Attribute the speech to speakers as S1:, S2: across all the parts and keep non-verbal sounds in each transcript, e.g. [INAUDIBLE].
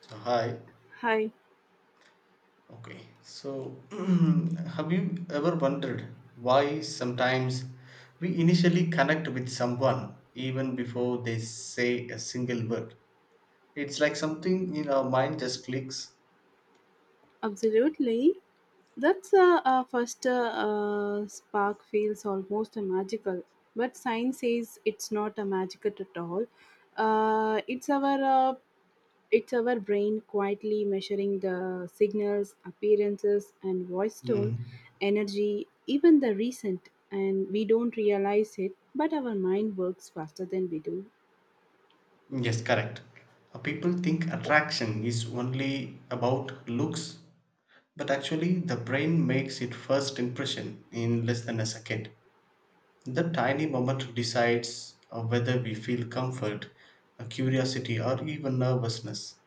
S1: So, hi.
S2: Hi,
S1: Okay. So, [CLEARS THROAT] have you ever wondered why sometimes we initially connect with someone even before they say a single word? It's like something in our mind just clicks.
S2: absolutely. That's a first spark feels almost magical, but science says it's not a magical at all. Uh, it's our uh, it's our brain quietly measuring the signals, appearances, and voice tone,
S1: Mm.
S2: energy, even the recent, and we don't realize it. But our mind works faster than we do.
S1: Yes, correct. People think attraction is only about looks, but actually, the brain makes its first impression in less than a second. That tiny moment decides whether we feel comfort, curiosity, or even nervousness.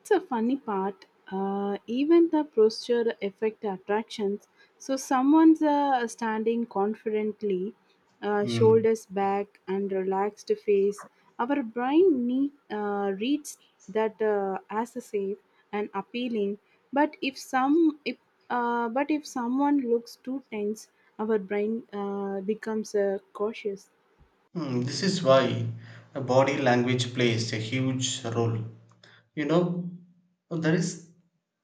S2: It's a funny part. Even the posture affect attractions. So someone's standing confidently,
S1: Mm.
S2: shoulders back and relaxed face. Our brain reads that as a safe and appealing. But if some, if, but if someone looks too tense, our brain becomes cautious.
S1: Hmm, this is why body language plays a huge role. You know, there is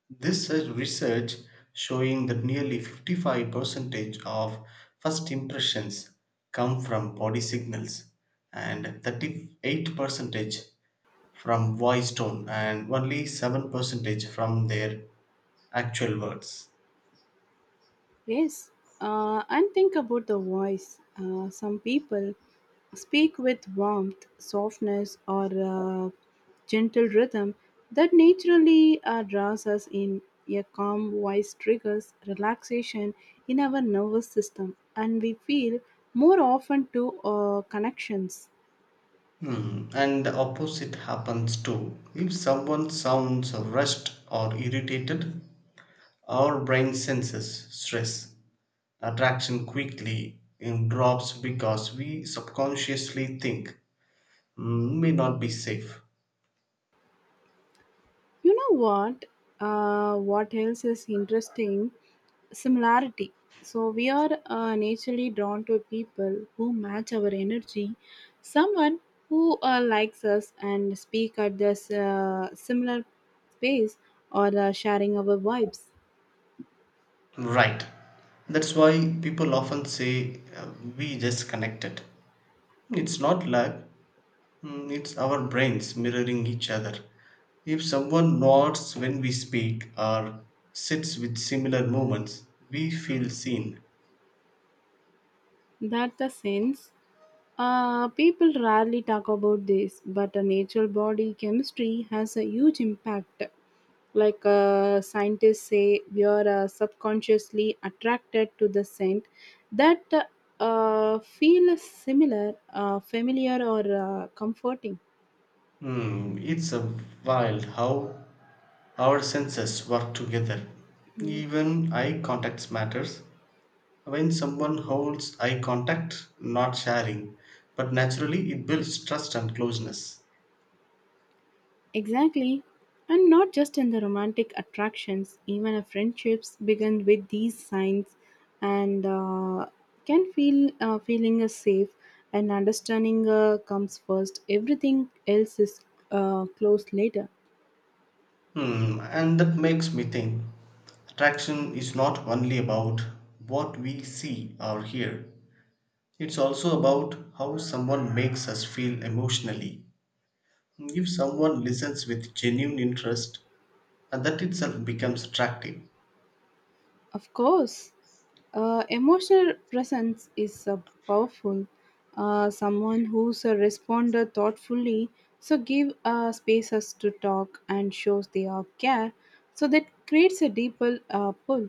S1: this research showing that nearly 55% of first impressions come from body signals and 38% from voice tone and only 7% from their actual words.
S2: Yes, and think about the voice. Some people speak with warmth, softness, or gentle rhythm that naturally draws us in. A calm voice triggers relaxation in our nervous system, and we feel more often to connections.
S1: Hmm. And the opposite happens too. If someone sounds rushed or irritated, our brain senses stress. Attraction quickly drops because we subconsciously think, "Hmm, may not be safe."
S2: You know what? What else is interesting? Similarity. So we are naturally drawn to people who match our energy, someone who likes us and speak at this similar pace or sharing our vibes.
S1: Right. That's why people often say, we just connected. It's not luck. Mm, it's our brains mirroring each other. If someone nods when we speak or sits with similar movements, we feel seen.
S2: That the sense. People rarely talk about this, but a natural body chemistry has a huge impact. Like scientists say, we are subconsciously attracted to the scent that feel similar, familiar, or comforting.
S1: Hmm, it's a wild how our senses work together.
S2: Yes.
S1: Even eye contact matters. When someone holds eye contact, not sharing, but naturally, it builds trust and closeness.
S2: Exactly. And not just in the romantic attractions, even our friendships begin with these signs and can feel feeling is safe and understanding comes first. Everything else is close later.
S1: Hmm, and that makes me think attraction is not only about what we see or hear, it's also about how someone makes us feel emotionally. If someone listens with genuine interest, and that itself becomes attractive.
S2: Of course, emotional presence is powerful. Someone who's a responder thoughtfully, so give spaces to talk and shows their care, so that creates a deeper pull.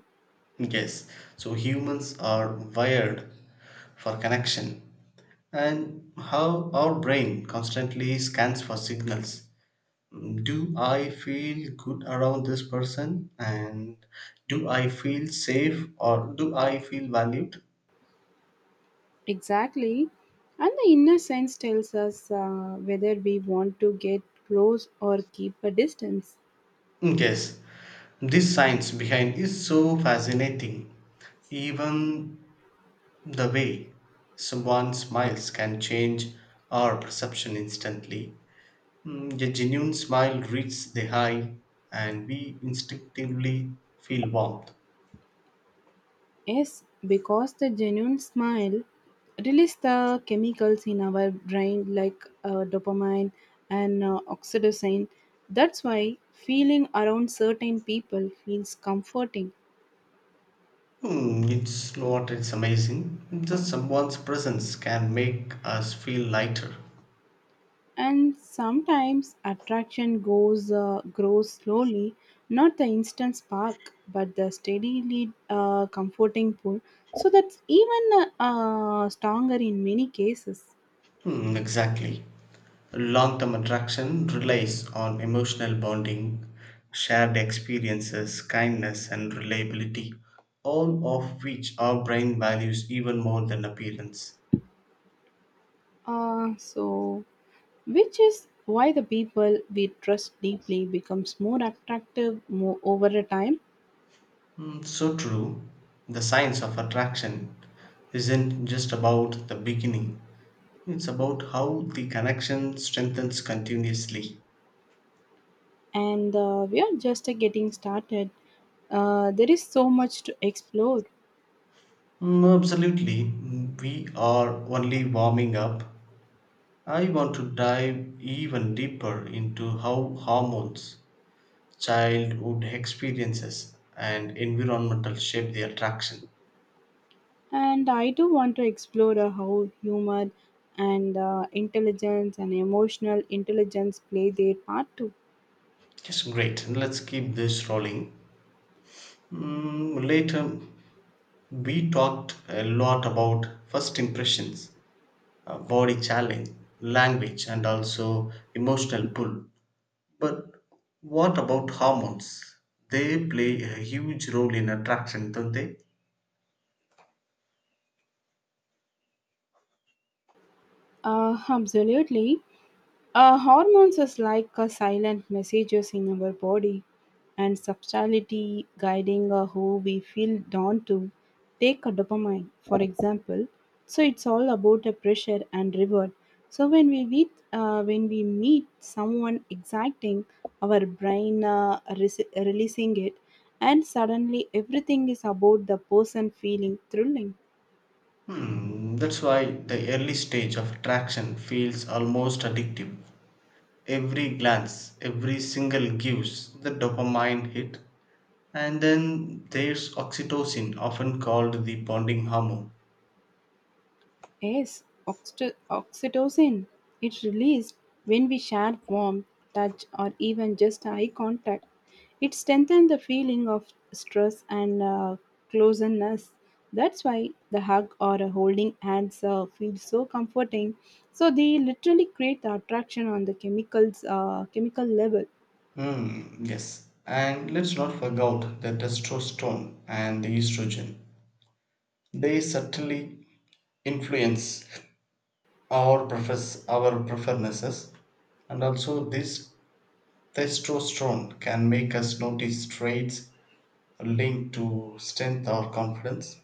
S1: Yes, so humans are wired for connection, and how our brain constantly scans for signals. Do I feel good around this person, and do I feel safe, or do I feel valued?
S2: Exactly, and the inner sense tells us whether we want to get close or keep a distance.
S1: Yes, this science behind is so fascinating. Even the way someone smiles can change our perception instantly. Mm, a genuine smile reaches the eye and we instinctively feel warmth.
S2: Yes, because the genuine smile release the chemicals in our brain like dopamine and oxytocin. That's why feeling around certain people feels comforting.
S1: Hmm, it's not, it's amazing. Just someone's presence can make us feel lighter.
S2: And sometimes attraction goes grows slowly, not the instant spark, but the steadily comforting pull. So that's even stronger in many cases.
S1: Hmm, exactly. Long term attraction relies on emotional bonding, shared experiences, kindness, and reliability, all of which our brain values even more than appearance.
S2: So which is why the people we trust deeply becomes more attractive more over a time.
S1: Hmm, so true. The science of attraction isn't just about the beginning, it's about how the connection strengthens continuously.
S2: And we are just getting started. There is so much to explore.
S1: Mm, absolutely. Mm, we are only warming up. I want to dive even deeper into how hormones, childhood experiences, and environmental shape their attraction.
S2: And I do want to explore how humor and intelligence and emotional intelligence play their part too.
S1: Yes, great. And let's keep this rolling. Mm, later, we talked a lot about first impressions, body challenge, language, and also emotional pull. But what about hormones? They play a huge role in attraction, don't they?
S2: Absolutely. Hormones is like a silent messages in our body and subtlety guiding who we feel drawn to. Take a dopamine, for example. So it's all about a pressure and reward. So when we meet someone exciting, our brain releasing it, and suddenly everything is about the person feeling thrilling.
S1: Hmm, that's why the early stage of attraction feels almost addictive. Every glance, every single gives the dopamine hit. And then there's oxytocin, often called the bonding hormone.
S2: Yes, oxytocin. It's released when we share warmth, touch, or even just eye contact. It strengthens the feeling of stress and closeness. That's why the hug or a holding hands feels so comforting. So they literally create the attraction on the chemical level.
S1: Hmm, yes. And let's not forget the testosterone and the estrogen. They subtly influence our preferences, and also this testosterone can make us notice traits linked to strength or confidence,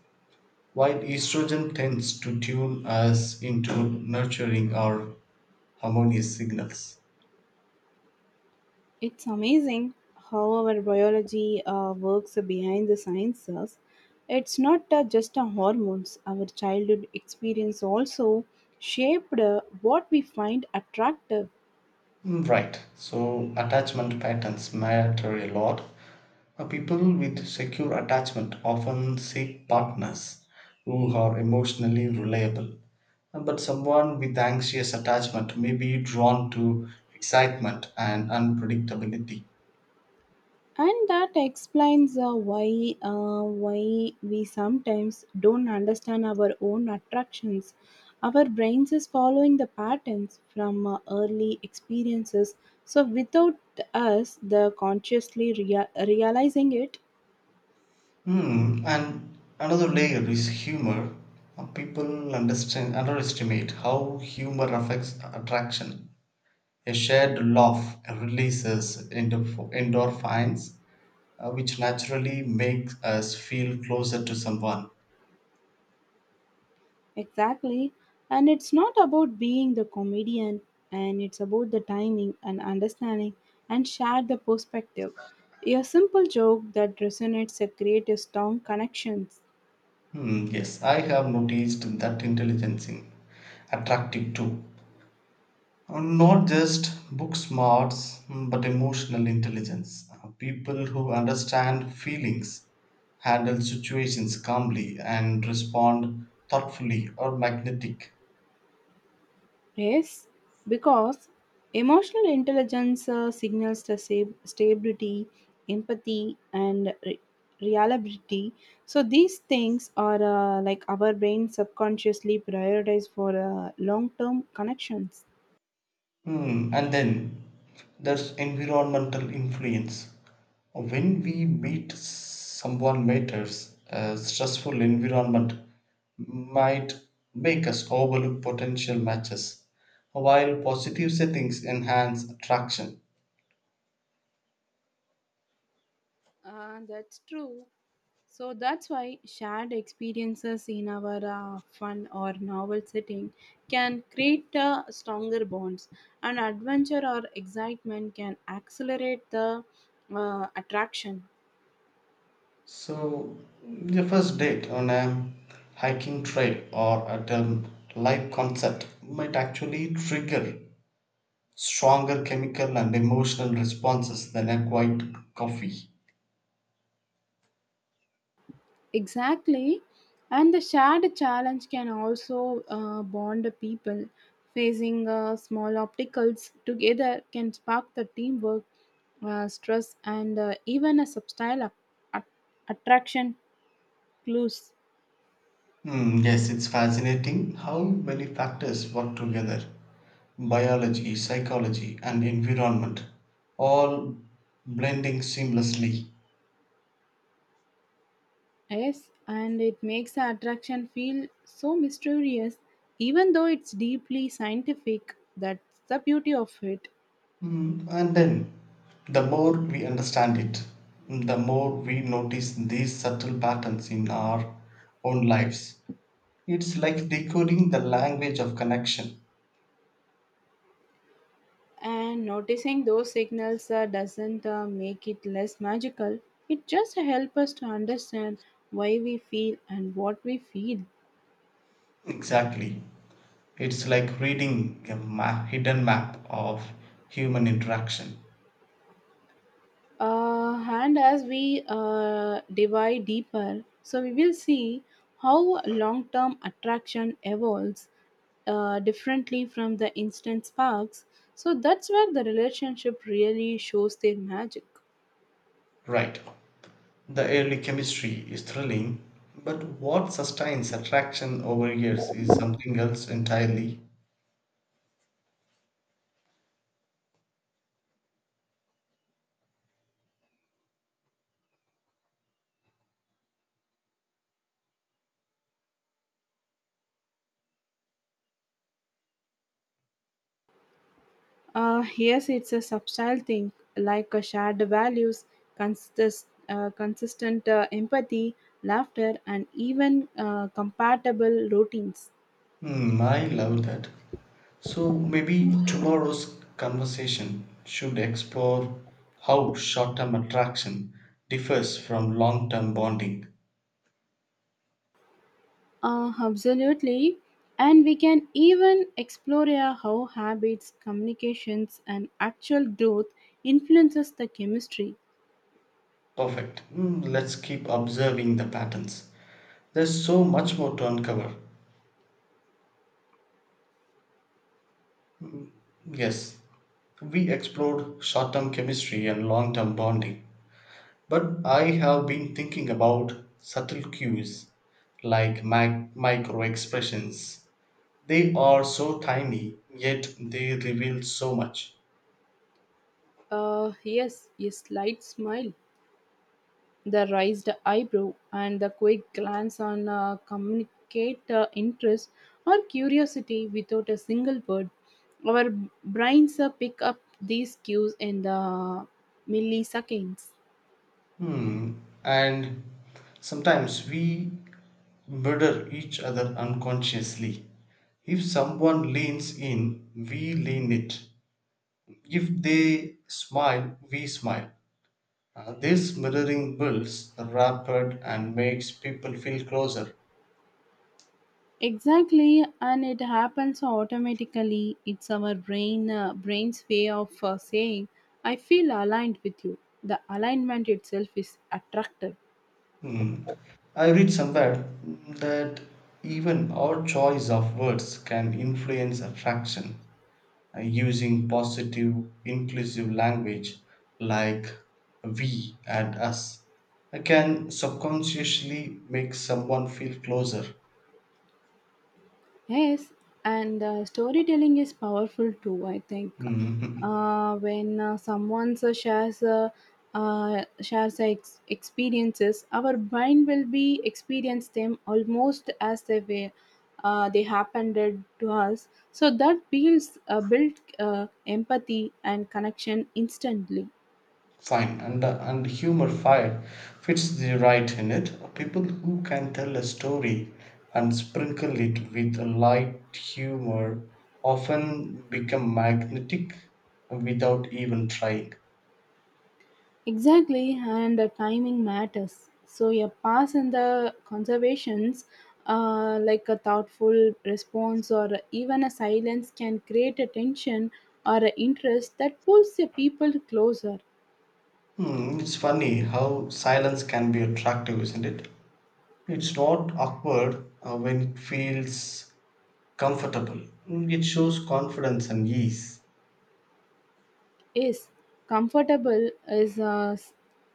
S1: while estrogen tends to tune us into nurturing or harmonious signals.
S2: It's amazing how our biology works behind the sciences. It's not just our hormones, our childhood experience also shaped what we find attractive.
S1: Mm, right, so attachment patterns matter a lot. People with secure attachment often seek partners who are emotionally reliable. But someone with anxious attachment may be drawn to excitement and unpredictability.
S2: And that explains why we sometimes don't understand our own attractions. Our brains is following the patterns from early experiences. So without us, the consciously realizing it.
S1: Hmm, and another layer is humor. People underestimate how humor affects attraction. A shared laugh releases endorphins, which naturally makes us feel closer to someone.
S2: Exactly. And it's not about being the comedian, and it's about the timing and understanding and share the perspective. A simple joke that resonates a creative strong connections.
S1: Hmm, yes, I have noticed that intelligence is attractive too. Not just book smarts, mm, but emotional intelligence. People who understand feelings, handle situations calmly, and respond thoughtfully are magnetic.
S2: Yes, because emotional intelligence signals the stability, empathy, and reliability. So these things are like our brain subconsciously prioritize for long-term connections.
S1: Hmm, and then there's environmental influence. When we meet someone matters, a stressful environment might make us overlook potential matches, while positive settings enhance attraction.
S2: That's true. So that's why shared experiences in our fun or novel setting can create stronger bonds, and adventure or excitement can accelerate the attraction.
S1: So, your first date on a hiking trail or at a live concert might actually trigger stronger chemical and emotional responses than a quiet coffee.
S2: Exactly, and the shared challenge can also bond the people. Facing small obstacles together can spark the teamwork, stress, and even a subtle a- attraction clues.
S1: Hmm, yes, it's fascinating how many factors work together, biology, psychology, and environment, all blending seamlessly.
S2: Yes, and it makes the attraction feel so mysterious, even though it's deeply scientific. That's the beauty of it.
S1: Hmm, and then, the more we understand it, the more we notice these subtle patterns in our own lives. It's like decoding the language of connection.
S2: And noticing those signals doesn't make it less magical. It just helps us to understand why we feel and what we feel.
S1: Exactly. It's like reading a hidden map of human interaction.
S2: And as we dive deeper, so we will see how long term attraction evolves differently from the instant sparks. So that's where the relationship really shows their magic.
S1: Right. The early chemistry is thrilling, but what sustains attraction over years is something else entirely.
S2: Yes, it's a subtle thing like a shared values, consistent empathy, laughter, and even compatible routines.
S1: Hmm, I love that. So maybe tomorrow's conversation should explore how short term attraction differs from long term bonding.
S2: Absolutely. And we can even explore how habits, communications, and actual growth influences the chemistry.
S1: Perfect. Hmm, let's keep observing the patterns. There's so much more to uncover. Yes, we explored short term chemistry and long term bonding. But I have been thinking about subtle cues like micro expressions. They are so tiny, yet they reveal so much.
S2: Yes, a slight smile, the raised eyebrow, and the quick glance on communicate interest or curiosity without a single word. Our brains pick up these cues in the milliseconds.
S1: Hmm. And sometimes we murder each other unconsciously. If someone leans in, we lean it. If they smile, we smile. This mirroring builds rapport and makes people feel closer.
S2: Exactly, and it happens automatically. It's our brain's way of saying, "I feel aligned with you." The alignment itself is attractive.
S1: Hmm. I read somewhere that even our choice of words can influence attraction. Using positive, inclusive language like we and us can subconsciously make someone feel closer.
S2: Yes, and storytelling is powerful too. I think
S1: [LAUGHS]
S2: when someone shares their experiences, our mind will be experience them almost as they were. They happened it to us, so that builds build empathy and connection instantly.
S1: fine and humor fine fits the right in it. People who can tell a story and sprinkle it with a light humor often become magnetic without even trying.
S2: Exactly, and the timing matters. So your pass in the conservations, like a thoughtful response or even a silence, can create a tension or a interest that pulls the people closer.
S1: Hmm, it's funny how silence can be attractive, isn't it? It's not awkward when it feels comfortable. Mm, it shows confidence and ease.
S2: Yes, comfortable is a s-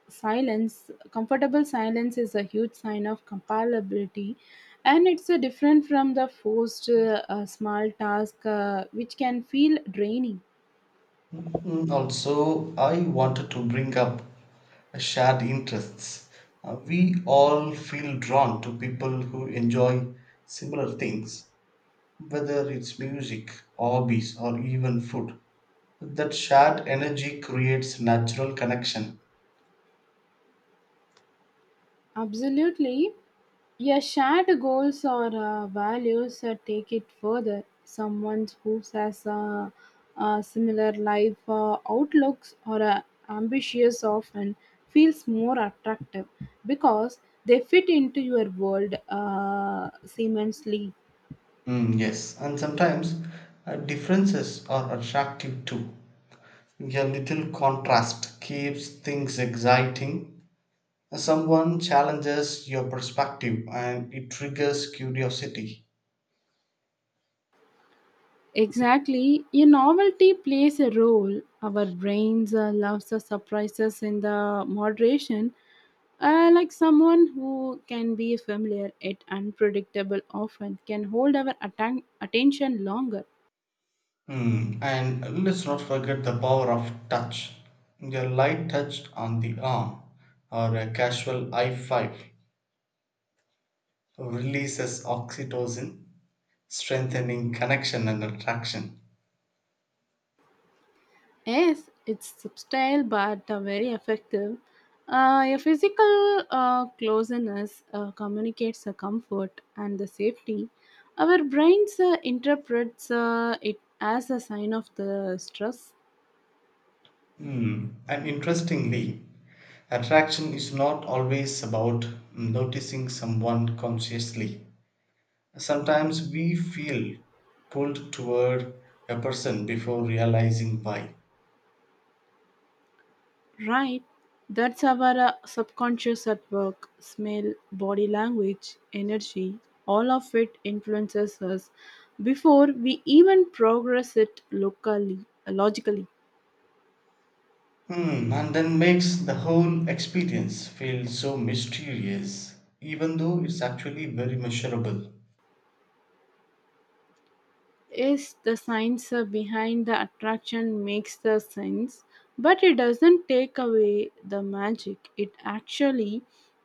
S2: silence. Comfortable silence is a huge sign of compatibility, and it's a different from the forced small task, which can feel draining.
S1: Mm, also, I wanted to bring up shared interests. We all feel drawn to people who enjoy similar things, whether it's music, hobbies, or even food. That shared energy creates natural connection.
S2: Absolutely. Your shared goals or values take it further. Someone who has a similar life outlooks or ambitious often feels more attractive because they fit into your world seamlessly.
S1: Mm, yes, and sometimes differences are attractive too. A little contrast keeps things exciting. Someone challenges your perspective and it triggers curiosity.
S2: Exactly. A novelty plays a role. Our brains loves the surprises in the moderation. Like someone who can be familiar yet unpredictable often can hold our attention longer.
S1: Hmm. And let's not forget the power of touch. A light touch on the arm or a casual high five releases oxytocin, strengthening connection and attraction.
S2: Yes, it's subtle but very effective. A physical closeness communicates the comfort and the safety. Our brains interprets it as a sign of the stress.
S1: Hmm. And interestingly, attraction is not always about noticing someone consciously. Sometimes we feel pulled toward a person before realizing why.
S2: Right, that's our subconscious at work smell, body language, energy, all of it influences us before we even progress it locally, logically.
S1: Hmm, and then makes the whole experience feel so mysterious, even though it's actually very measurable.
S2: Yes, the science behind the attraction makes the sense, but it doesn't take away the magic. It actually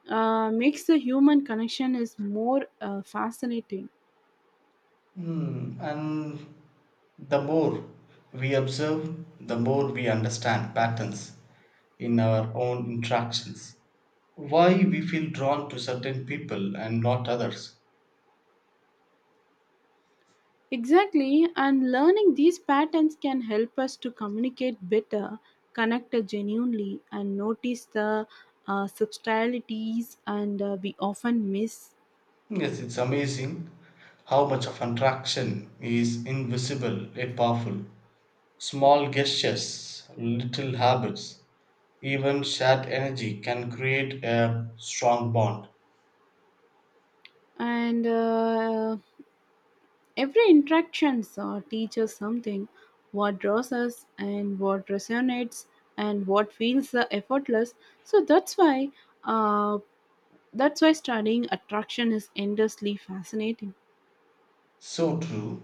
S2: makes the human connection is more fascinating.
S1: Hmm, and the more we observe, the more we understand patterns in our own interactions. Why we feel drawn to certain people and not others.
S2: Exactly, and learning these patterns can help us to communicate better, connect genuinely, and notice the subtleties and we often miss.
S1: Yes, it's amazing how much of attraction is invisible yet powerful. Small gestures, little habits, even shared energy can create a strong bond.
S2: And every interactions teaches something what draws us and what resonates and what feels effortless. So uh, that's why studying attraction is endlessly fascinating.
S1: So true.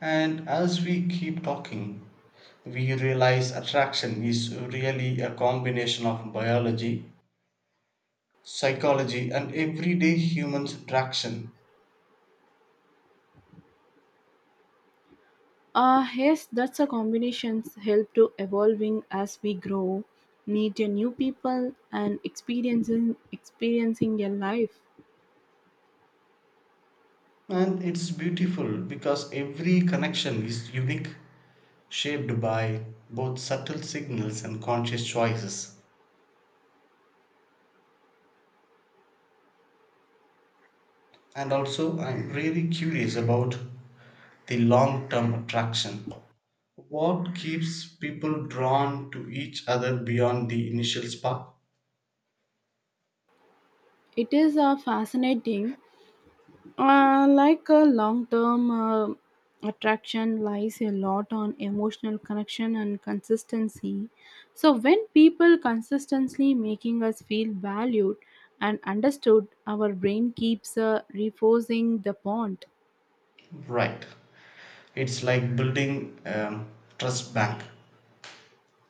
S1: And as we keep talking, we realize attraction is really a combination of biology, psychology, and everyday human interaction.
S2: Yes, that's a combination's help to evolving as we grow, meet a new people and experiencing your life.
S1: And it's beautiful because every connection is unique, shaped by both subtle signals and conscious choices. And also, I'm really curious about the long term attraction. What keeps people drawn to each other beyond the initial spark?
S2: It is fascinating. Like a long-term attraction lies a lot on emotional connection and consistency. So when people consistently making us feel valued and understood, our brain keeps reinforcing the bond.
S1: Right. It's like building a trust bank.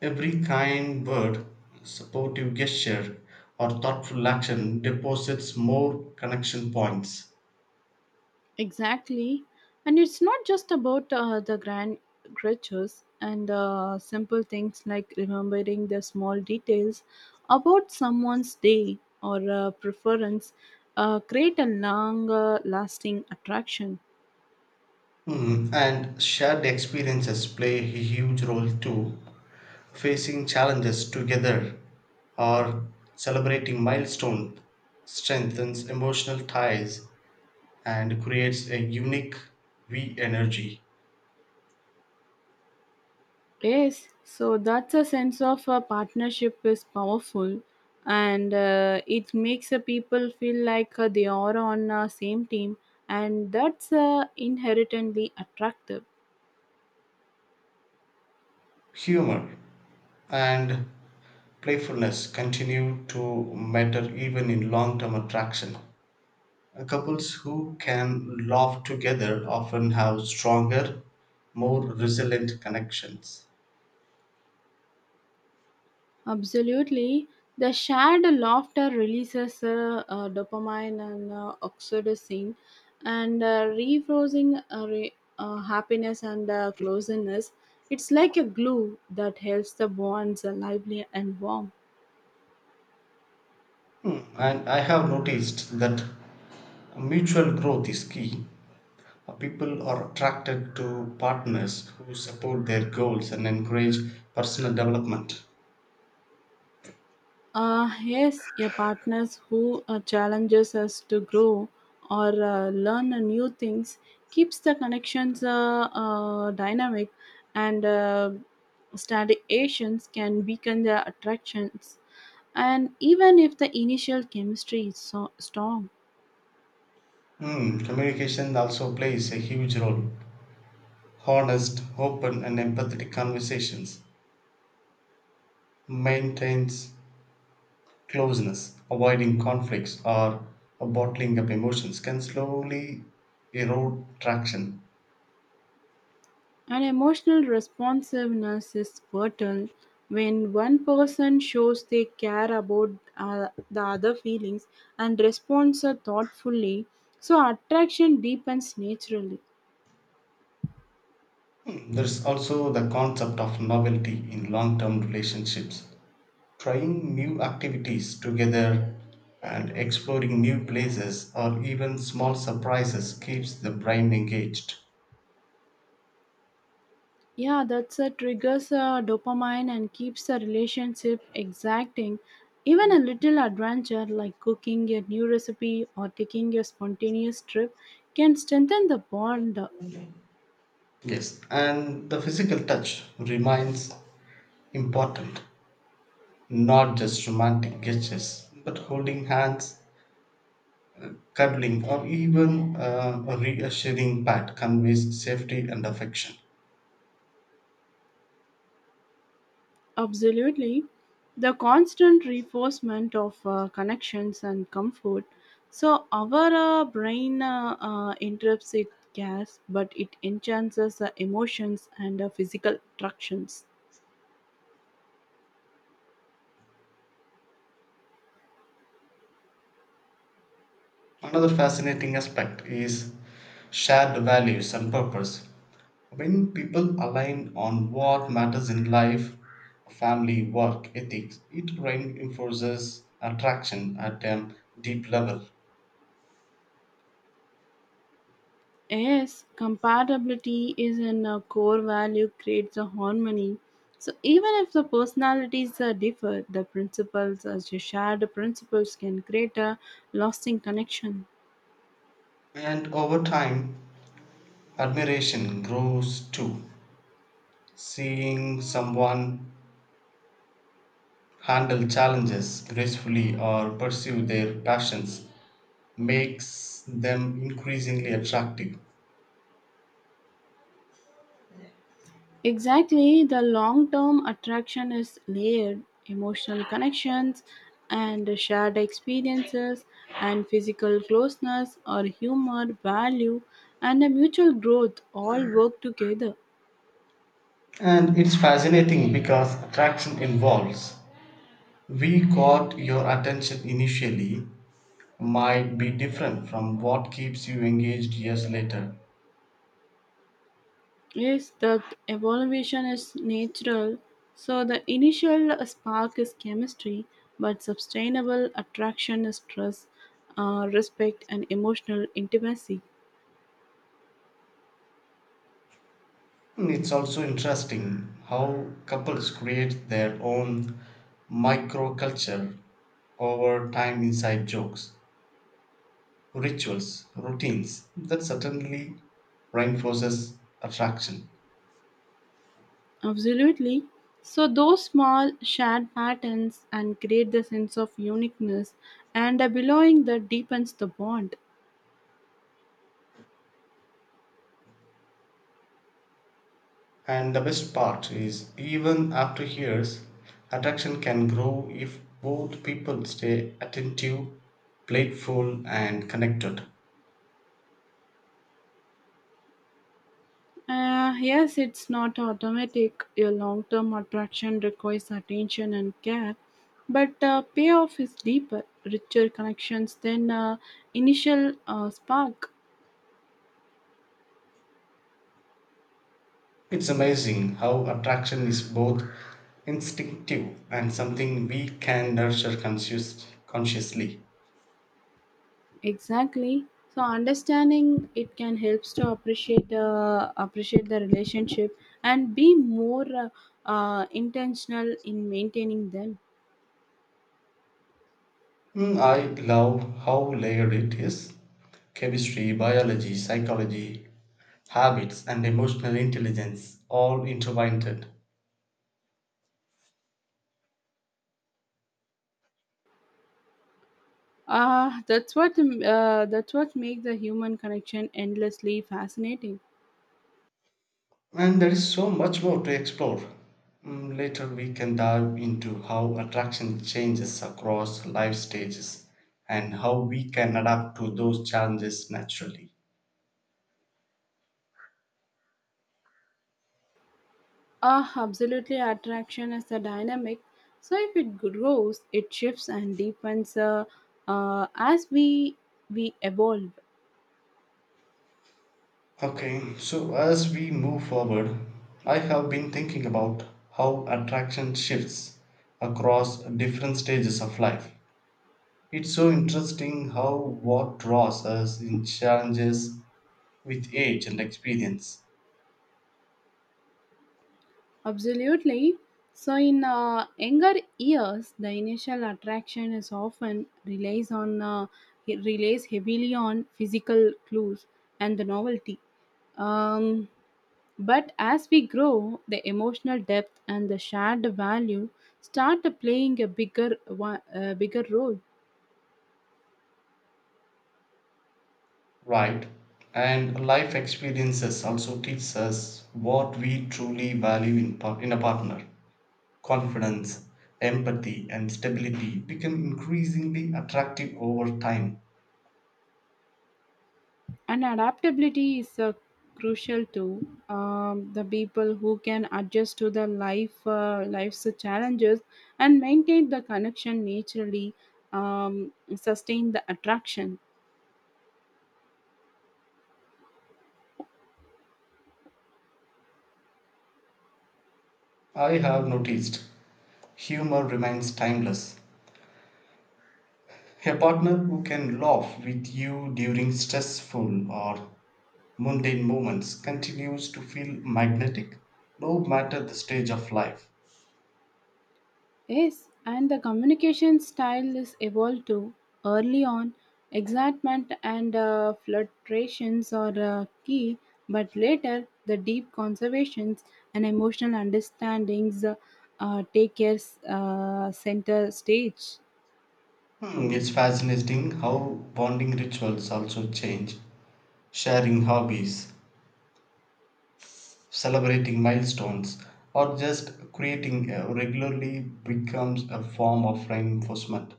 S1: Every kind word, supportive gesture, or thoughtful action deposits more connection points.
S2: Exactly. And it's not just about the grand gestures and simple things like remembering the small details about someone's day or preference create a longer lasting attraction.
S1: Hmm. And shared experiences play a huge role too. Facing challenges together or celebrating milestones strengthens emotional ties and creates a unique we energy.
S2: Yes, so that's a sense of a partnership is powerful and it makes the people feel like they are on the same team and that's inherently attractive.
S1: Humor and playfulness continue to matter even in long term attraction. Couples who can laugh together often have stronger, more resilient connections.
S2: Absolutely. The shared laughter releases dopamine and oxytocin, and happiness and closeness. It's like a glue that helps the bonds lively and warm.
S1: And I have noticed that mutual growth is key. People are attracted to partners who support their goals and encourage personal development.
S2: Yes, a partners who challenges us to grow or learn new things keeps the connections dynamic and stagnations can weaken the attractions. And even if the initial chemistry is so strong,
S1: Hmm, communication also plays a huge role. Honest, open, and empathetic conversations maintains closeness. Avoiding conflicts or bottling up emotions can slowly erode traction.
S2: and emotional responsiveness is vital. When one person shows they care about the other feelings and responds thoughtfully, so attraction deepens naturally.
S1: Hmm, there's also the concept of novelty in long term relationships. Trying new activities together and exploring new places or even small surprises keeps the brain engaged.
S2: Yeah, that's a triggers dopamine and keeps the relationship exacting. Even a little adventure like cooking a new recipe or taking a spontaneous trip can strengthen the bond.
S1: Yes, and the physical touch remains important, not just romantic gestures, but holding hands, cuddling, or even a reassuring pat conveys safety and affection.
S2: Absolutely. The constant reinforcement of connections and comfort. So, our brain interrupts it gas, but it enhances the emotions and physical attractions.
S1: Another fascinating aspect is shared values and purpose. When people align on what matters in life, family, work, ethics, it reinforces attraction at a deep level.
S2: Yes, compatibility is in a core value, creates a harmony. So, even if the personalities differ, the principles, as you shared, the principles can create a lasting connection.
S1: And over time, admiration grows too. Seeing someone handle challenges gracefully or pursue their passions makes them increasingly attractive.
S2: Exactly, the long term attraction is layered emotional connections and shared experiences and physical closeness or humor, value, and a mutual growth all work together.
S1: And it's fascinating because attraction involves we caught your attention initially might be different from what keeps you engaged years later.
S2: Yes, the evolution is natural, so the initial spark is chemistry, but sustainable attraction is trust, respect, and emotional intimacy.
S1: And it's also interesting how couples create their own microculture over time, inside jokes, rituals, routines that certainly reinforces attraction.
S2: Absolutely. So, those small shared patterns and create the sense of uniqueness and a belonging that deepens the bond.
S1: And the best part is, even after years, attraction can grow if both people stay attentive, playful, and connected.
S2: Yes, it's not automatic. Your long term attraction requires attention and care, but payoff is deeper, richer connections than initial spark.
S1: It's amazing how attraction is both instinctive and something we can nurture consciously.
S2: Exactly. So understanding it can helps to appreciate the relationship and be more intentional in maintaining them.
S1: Mm, I love how layered it is, chemistry, biology, psychology, habits, and emotional intelligence all intertwined.
S2: That's what makes the human connection endlessly fascinating.
S1: And there is so much more to explore. Mm, later, we can dive into how attraction changes across life stages and how we can adapt to those challenges naturally.
S2: Ah, absolutely. Attraction is a dynamic. So if it grows, it shifts and deepens as we evolve.
S1: Okay, so as we move forward, I have been thinking about how attraction shifts across different stages of life. It's so interesting how what draws us in challenges with age and experience.
S2: Absolutely. So, in younger years, the initial attraction is often relies on it relies heavily on physical clues and the novelty. Um, but as we grow, the emotional depth and the shared value start playing a bigger role.
S1: Right. And life experiences also teach us what we truly value in, in a partner. Confidence, empathy, and stability become increasingly attractive over time.
S2: And adaptability is crucial too. The people who can adjust to the life's challenges and maintain the connection naturally sustain the attraction.
S1: I have noticed humor remains timeless. A partner who can laugh with you during stressful or mundane moments continues to feel magnetic no matter the stage of life.
S2: Yes, and the communication style is evolved too. Early on, excitement and flirtations are key, but later the deep conservations and emotional understandings take care center stage.
S1: Hmm, it's fascinating how bonding rituals also change. Sharing hobbies, celebrating milestones, or just creating regularly becomes a form of reinforcement.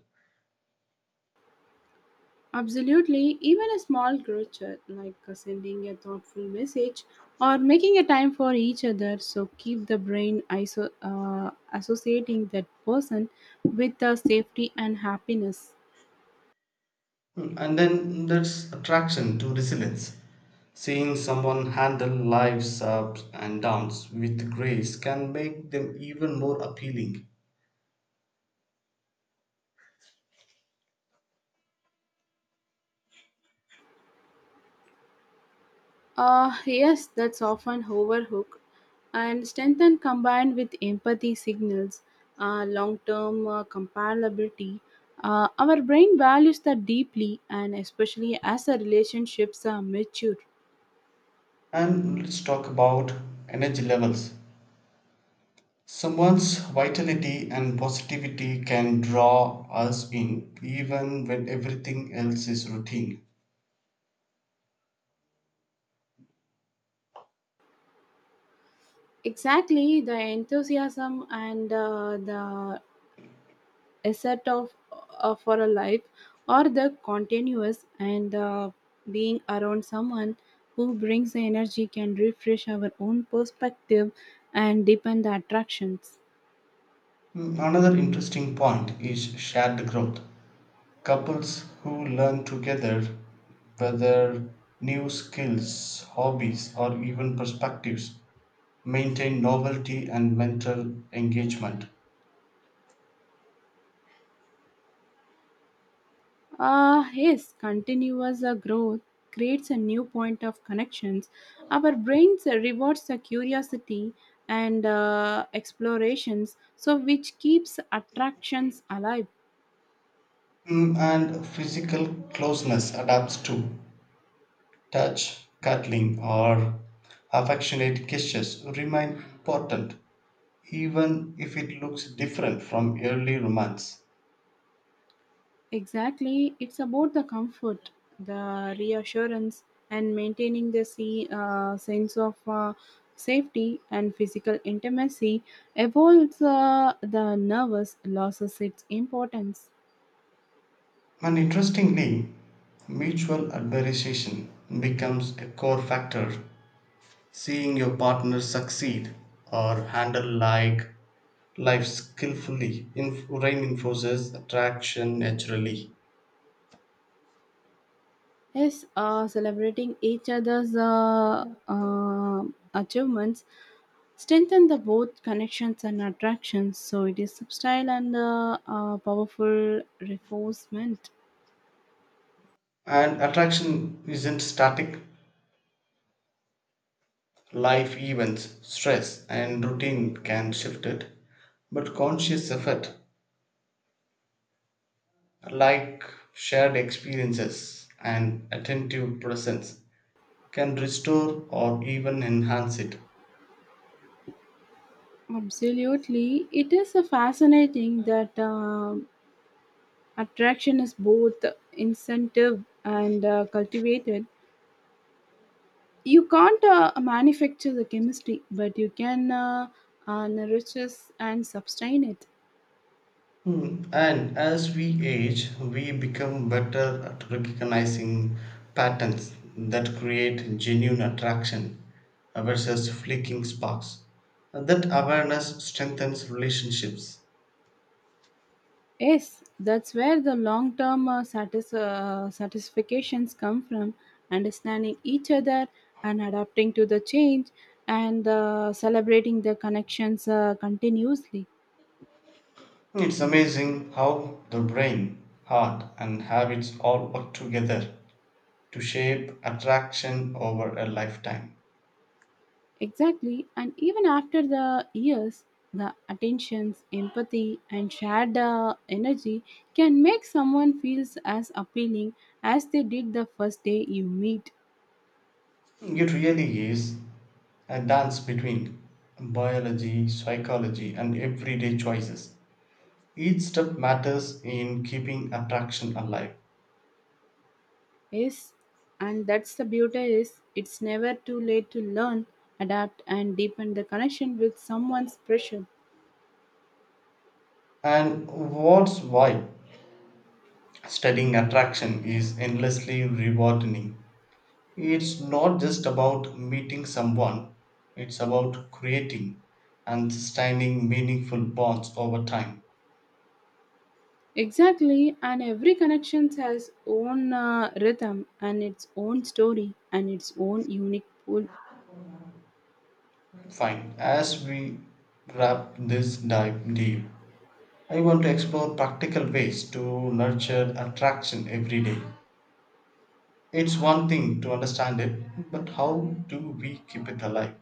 S2: Absolutely, even a small gesture like sending a thoughtful message or making a time for each other so keep the associating that person with the safety and happiness.
S1: Hmm, and then there's attraction to resilience. Seeing someone handle life's ups and downs with grace can make them even more appealing.
S2: Yes, that's often overlooked and strengthen combined with empathy signals, long-term comparability. Our brain values that deeply and especially as the relationships are mature.
S1: And let's talk about energy levels. Someone's vitality and positivity can draw us in even when everything else is routine.
S2: Exactly, the enthusiasm and the asset of for a life, or the continuous and being around someone who brings the energy can refresh our own perspective and deepen the attractions.
S1: Mm, another interesting point is shared growth. Couples who learn together, whether new skills, hobbies, or even perspectives, maintain novelty and mental engagement.
S2: Yes, continuous growth creates a new point of connections. Our brains rewards the curiosity and explorations, so which keeps attractions alive.
S1: Mm, and physical closeness adapts too. Touch, cuddling, or affectionate gestures remain important even if it looks different from early romance.
S2: Exactly. It's about the comfort, the reassurance, and maintaining the sense of safety and physical intimacy. Evolves the nervous loses its importance.
S1: And interestingly, mutual admiration becomes a core factor. Seeing your partner succeed or handle like life skillfully reinforces attraction naturally.
S2: Yes, celebrating each other's achievements strengthen the both connections and attractions. So it is subtle and powerful reinforcement.
S1: And attraction isn't static. Life events, stress, and routine can shift it, but conscious effort, like shared experiences and attentive presence, can restore or even enhance it.
S2: Absolutely. It is a fascinating that attraction is both incentive and cultivated. You can't manufacture the chemistry, but you can nourish it and sustain it.
S1: Hmm, and as we age, we become better at recognizing patterns that create genuine attraction versus fleeting sparks. That awareness strengthens relationships.
S2: Yes, that's where the long term satisfactions come from understanding each other and adapting to the change and celebrating the connections continuously.
S1: It's amazing how the brain, heart, and habits all work together to shape attraction over a lifetime.
S2: Exactly, and even after the years, the attentions, empathy, and shared energy can make someone feels as appealing as they did the first day you meet.
S1: It really is a dance between biology, psychology, and everyday choices. Each step matters in keeping attraction alive.
S2: Yes, and that's the beauty is it's never too late to learn, adapt, and deepen the connection with someone's pressure.
S1: And what's why studying attraction is endlessly rewarding. It's not just about meeting someone, it's about creating and sustaining meaningful bonds over time.
S2: Exactly, and every connection has own rhythm and its own story and its own unique pull.
S1: Fine, as we wrap this dive deep, I want to explore practical ways to nurture attraction every day. It's one thing to understand it, but how do we keep it alive?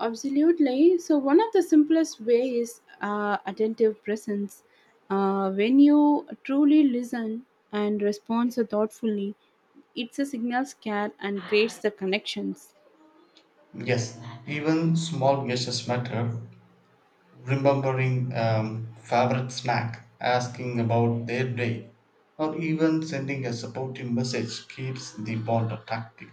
S2: Absolutely. So, one of the simplest ways is attentive presence. When you truly listen and respond so thoughtfully, it's a signals care and creates the connections.
S1: Yes, even small gestures matter. Remembering favorite snack, asking about their day, or even sending a supportive message keeps the bond attractive.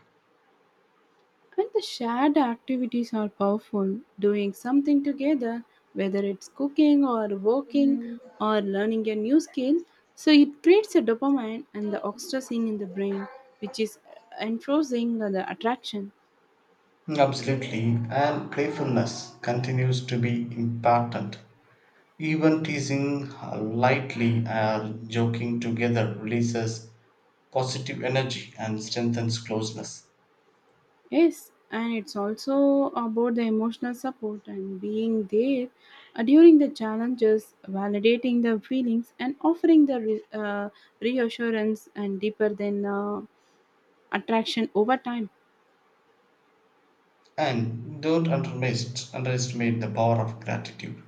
S2: And the shared activities are powerful. Doing something together, whether it's cooking or working or learning a new skill, so it creates a dopamine and the oxytocin in the brain, which is enforcing the attraction.
S1: Absolutely, and playfulness continues to be important. Even teasing lightly or joking together releases positive energy and strengthens closeness.
S2: Yes, and it's also about the emotional support and being there during the challenges, validating the feelings, and offering the reassurance and deeper than attraction over time.
S1: And don't underestimate the power of gratitude.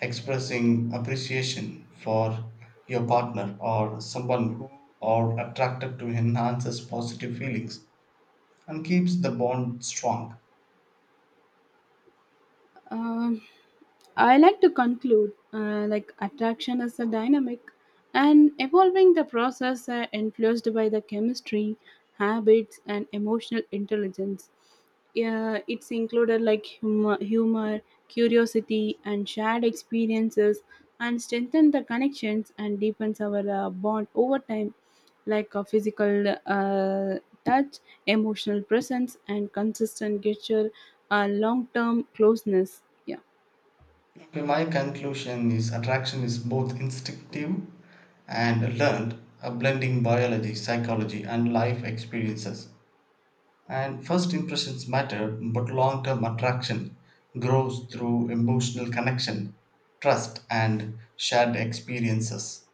S1: Expressing appreciation for your partner or someone who are attracted to enhances positive feelings and keeps the bond strong.
S2: Um, I like to conclude like attraction is a dynamic and evolving the process influenced by the chemistry, habits, and emotional intelligence. It's included like humor, curiosity, and shared experiences, and strengthen the connections and deepens our bond over time, like a physical touch, emotional presence, and consistent gesture a long term closeness. Yeah.
S1: Okay, my conclusion is attraction is both instinctive and learned, blending biology, psychology, and life experiences. And first impressions matter, but long term attraction grows through emotional connection, trust, and shared experiences.